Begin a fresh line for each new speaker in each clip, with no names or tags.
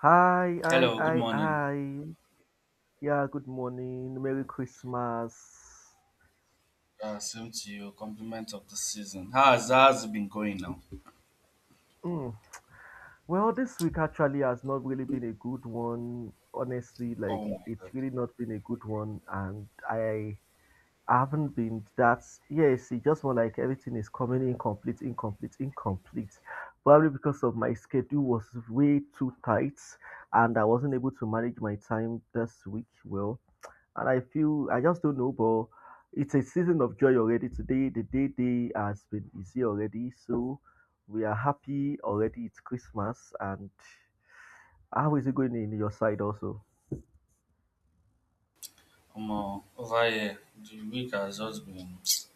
Hi, hi,
Hello, good
hi,
morning.
hi. Yeah, good morning. Merry Christmas.
Yeah, same to you. Compliment of the season. How's it been going now?
Mm. Well, this week actually has not really been a good one. Honestly, like
Oh my god.
it's really not been a good one, and I haven't been that. Yes, it's just more like everything is coming incomplete, incomplete, incomplete. Probably because of my schedule was way too tight, and I wasn't able to manage my time this week well. And I feel I just don't know, but it's a season of joy already. Today, the day has been easy already, so we are happy already. It's Christmas, and how is it going in your side also?
I'm over here. The week has just been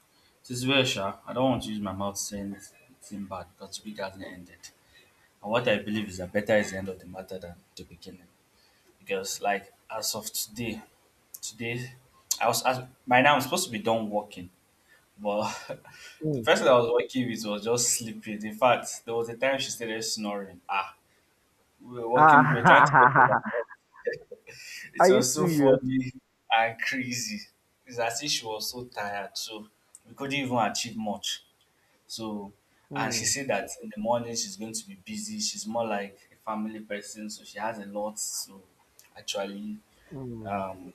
this very sharp. I don't want to use my mouth saying anything bad because the week hasn't ended. And what I believe is that better is the end of the matter than the beginning. Because like as of today, today I was by now I'm supposed to be done working, but the
Mm.
person I was working with was just sleeping. In fact, there was a time she started snoring. Ah, we were trying to work overnight. It
Are you
was so
serious?
funny and crazy. It's as if she was so tired, so we couldn't even achieve much. So, and she
Mm,
said that in the morning she's going to be busy. She's more like a family person, so she has a lot to actually
mm,
um,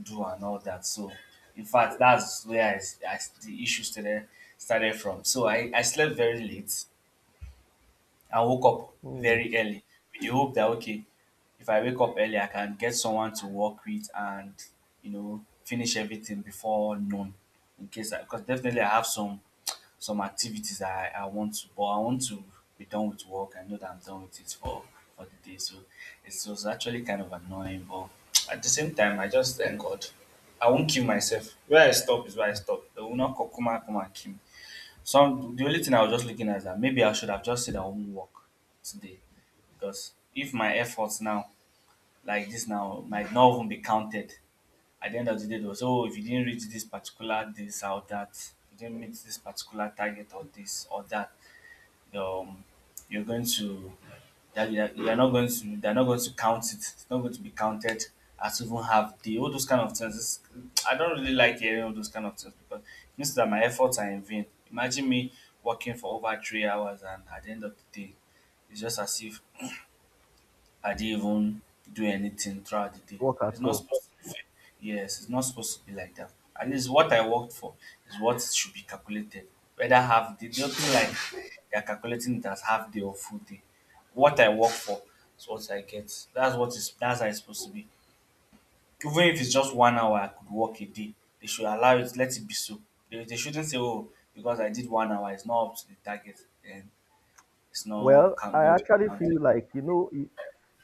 do and all that. So, in fact, that's where I the issue started from. So I slept very late. I woke up
mm.
very early with the hope that okay, if I wake up early, I can get someone to work with and you know finish everything before noon. In case because definitely I have some activities I want to, but I want to be done with work. I know that I'm done with it for the day, so it was actually kind of annoying. But at the same time, I just thank God. I won't kill myself. Where I stop is where I stop. They will not come and kill me. Some the only thing I was just looking at is that maybe I should have just said I won't work today, because if my efforts now like this now might not even be counted at the end of the day though. So if you didn't reach this particular this or that, you didn't meet this particular target or this or that, um, you're going to you are not going to they're not going to count it. It's not going to be counted as even half day. All those kind of things. It's, I don't really like hearing all those kind of things because it means that my efforts are in vain. Imagine me working for over 3 hours and at the end of the day, it's just as if I didn't even do anything throughout the day.
Work at
It's not supposed to be fair. Yes, it's not supposed to be like that. At least what I worked for is what should be calculated. Whether half day, nothing like
all.
they're calculating it as half day or full day. What I work for is what I get. That's what is that's how it's supposed to be. Even if it's just 1 hour I could work a day, they should allow it, let it be so. They shouldn't say, Oh, because I did 1 hour, it's not up to the target and it's not
Well,
can't
I
go to the
actually
counted.
feel like you know, you,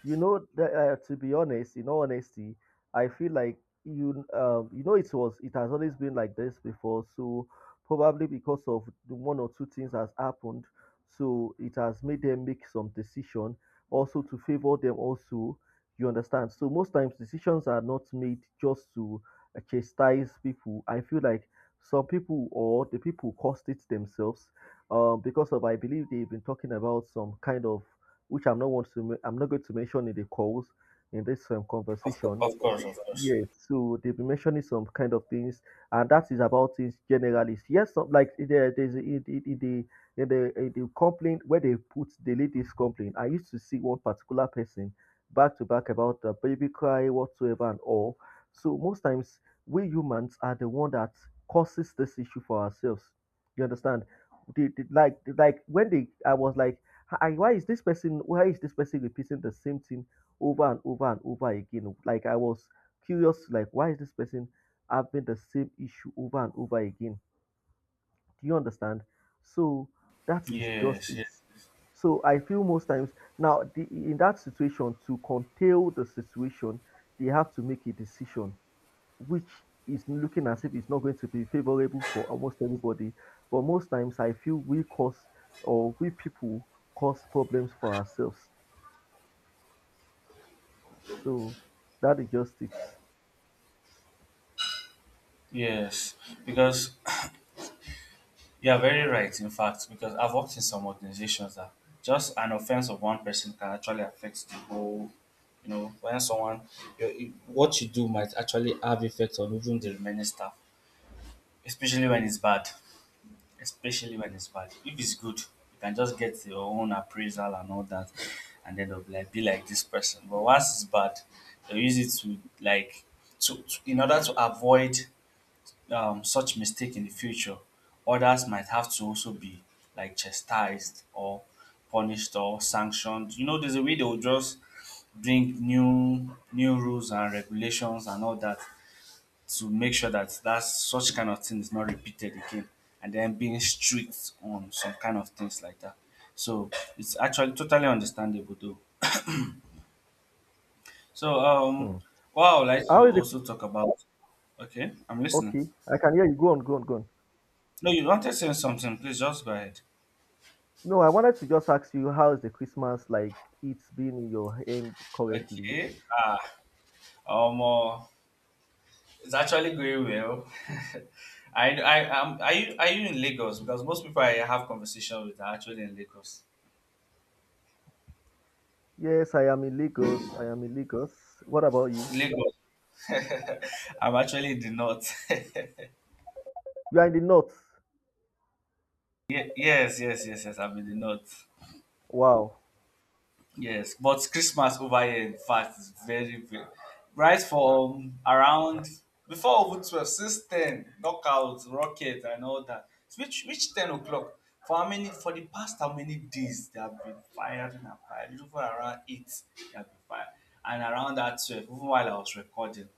you know that to be honest, in all honesty, I feel like you you know it was it has always been like this before. So probably because of the one or two things has happened, so it has made them make some decision also to favor them also. You understand? So most times decisions are not made just to chastise people. I feel like some people or the people caused it themselves because of I believe they've been talking about some kind of which I'm not going to mention in the calls in this
Of course,
conversation.
of course, of course.
Yes, so they've been mentioning some kind of things, and that is about things generally. Yes, some, like in the complaint where they put the ladies complaint. I used to see one particular person back to back about the baby cry whatsoever and all. So most times we humans are the one that causes this issue for ourselves. You understand? Like when they I was like, "Ah, why is this person repeating the same thing over and over and over again?" Like I was curious, like why is this person having the same issue over and over again? Do you understand? So that is just
Yes,
it.
yes,
So I feel most times now, in that situation, to curtail the situation, they have to make a decision which is looking as if it's not going to be favorable for almost everybody. But most times I feel we cause, or we people cause problems for ourselves. So that is just it.
yes. Because you're very right, in fact, because I've worked in some organizations that just an offense of one person can actually affect the whole. You know, when someone, your what you do might actually have effect on even the remaining staff, especially when it's bad. Especially when it's bad. If it's good, you can just get your own appraisal and all that, and then they'll be like this person. But once it's bad, they use it to like to in order to avoid such mistake in the future, others might have to also be like chastised or punished or sanctioned. You know, there's a way they will just bring new rules and regulations and all that to make sure that such kind of thing is not repeated again, and then being strict on some kind of things like that. So it's actually totally understandable though. So
Hmm.
what I would like to
How is it?
also talk about. Okay, I'm listening.
Okay, I can hear you. Go on, go on, go on.
No, you wanted to say something, please just go ahead.
No, I wanted to just ask you, how is the Christmas like it's been in your end currently?
Okay. Um, uh, it's actually going well. Are you, in Lagos? Because most people I have conversations with are actually in Lagos.
Yes, I am in Lagos. I am in Lagos. What about you?
Lagos. I'm actually in the north.
You are in the north.
Yes, yes, yes, yes. I'm in the north.
Wow.
Yes, but Christmas over here, in fact, is very, very. Right from around before over 12, since 10, knockout, rocket, and all that. So which 10 o'clock? For how many days they have been firing and firing? Even around 8, they have been firing. And around that 12, even while I was recording.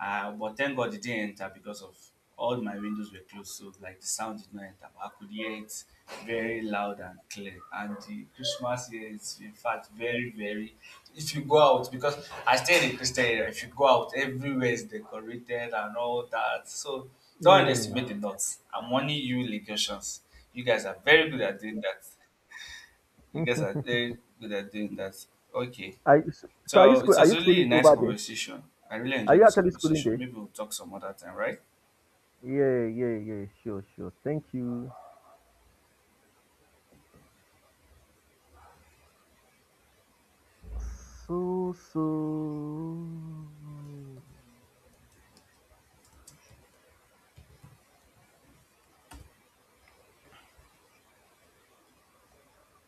But thank God it didn't enter because of all my windows were closed, so like the sound did not enter. But I could hear it very loud and clear. And the Christmas here is in fact very, very. If you go out, because I stay in a Christian area, if you go out, everywhere is decorated and all that. So don't
Hmm.
underestimate the nuts. I'm warning you, Lagosians. You guys are very good at doing that. You guys are very good at doing that. Okay.
I. So are you
So it
are
was
you
really a
schooling
nice
over there?
conversation. I really
Are
enjoyed
you
this
actually schooling
conversation.
there?
Maybe we'll talk some other time, right?
Yeah, yeah, yeah. Sure, sure. Thank you. So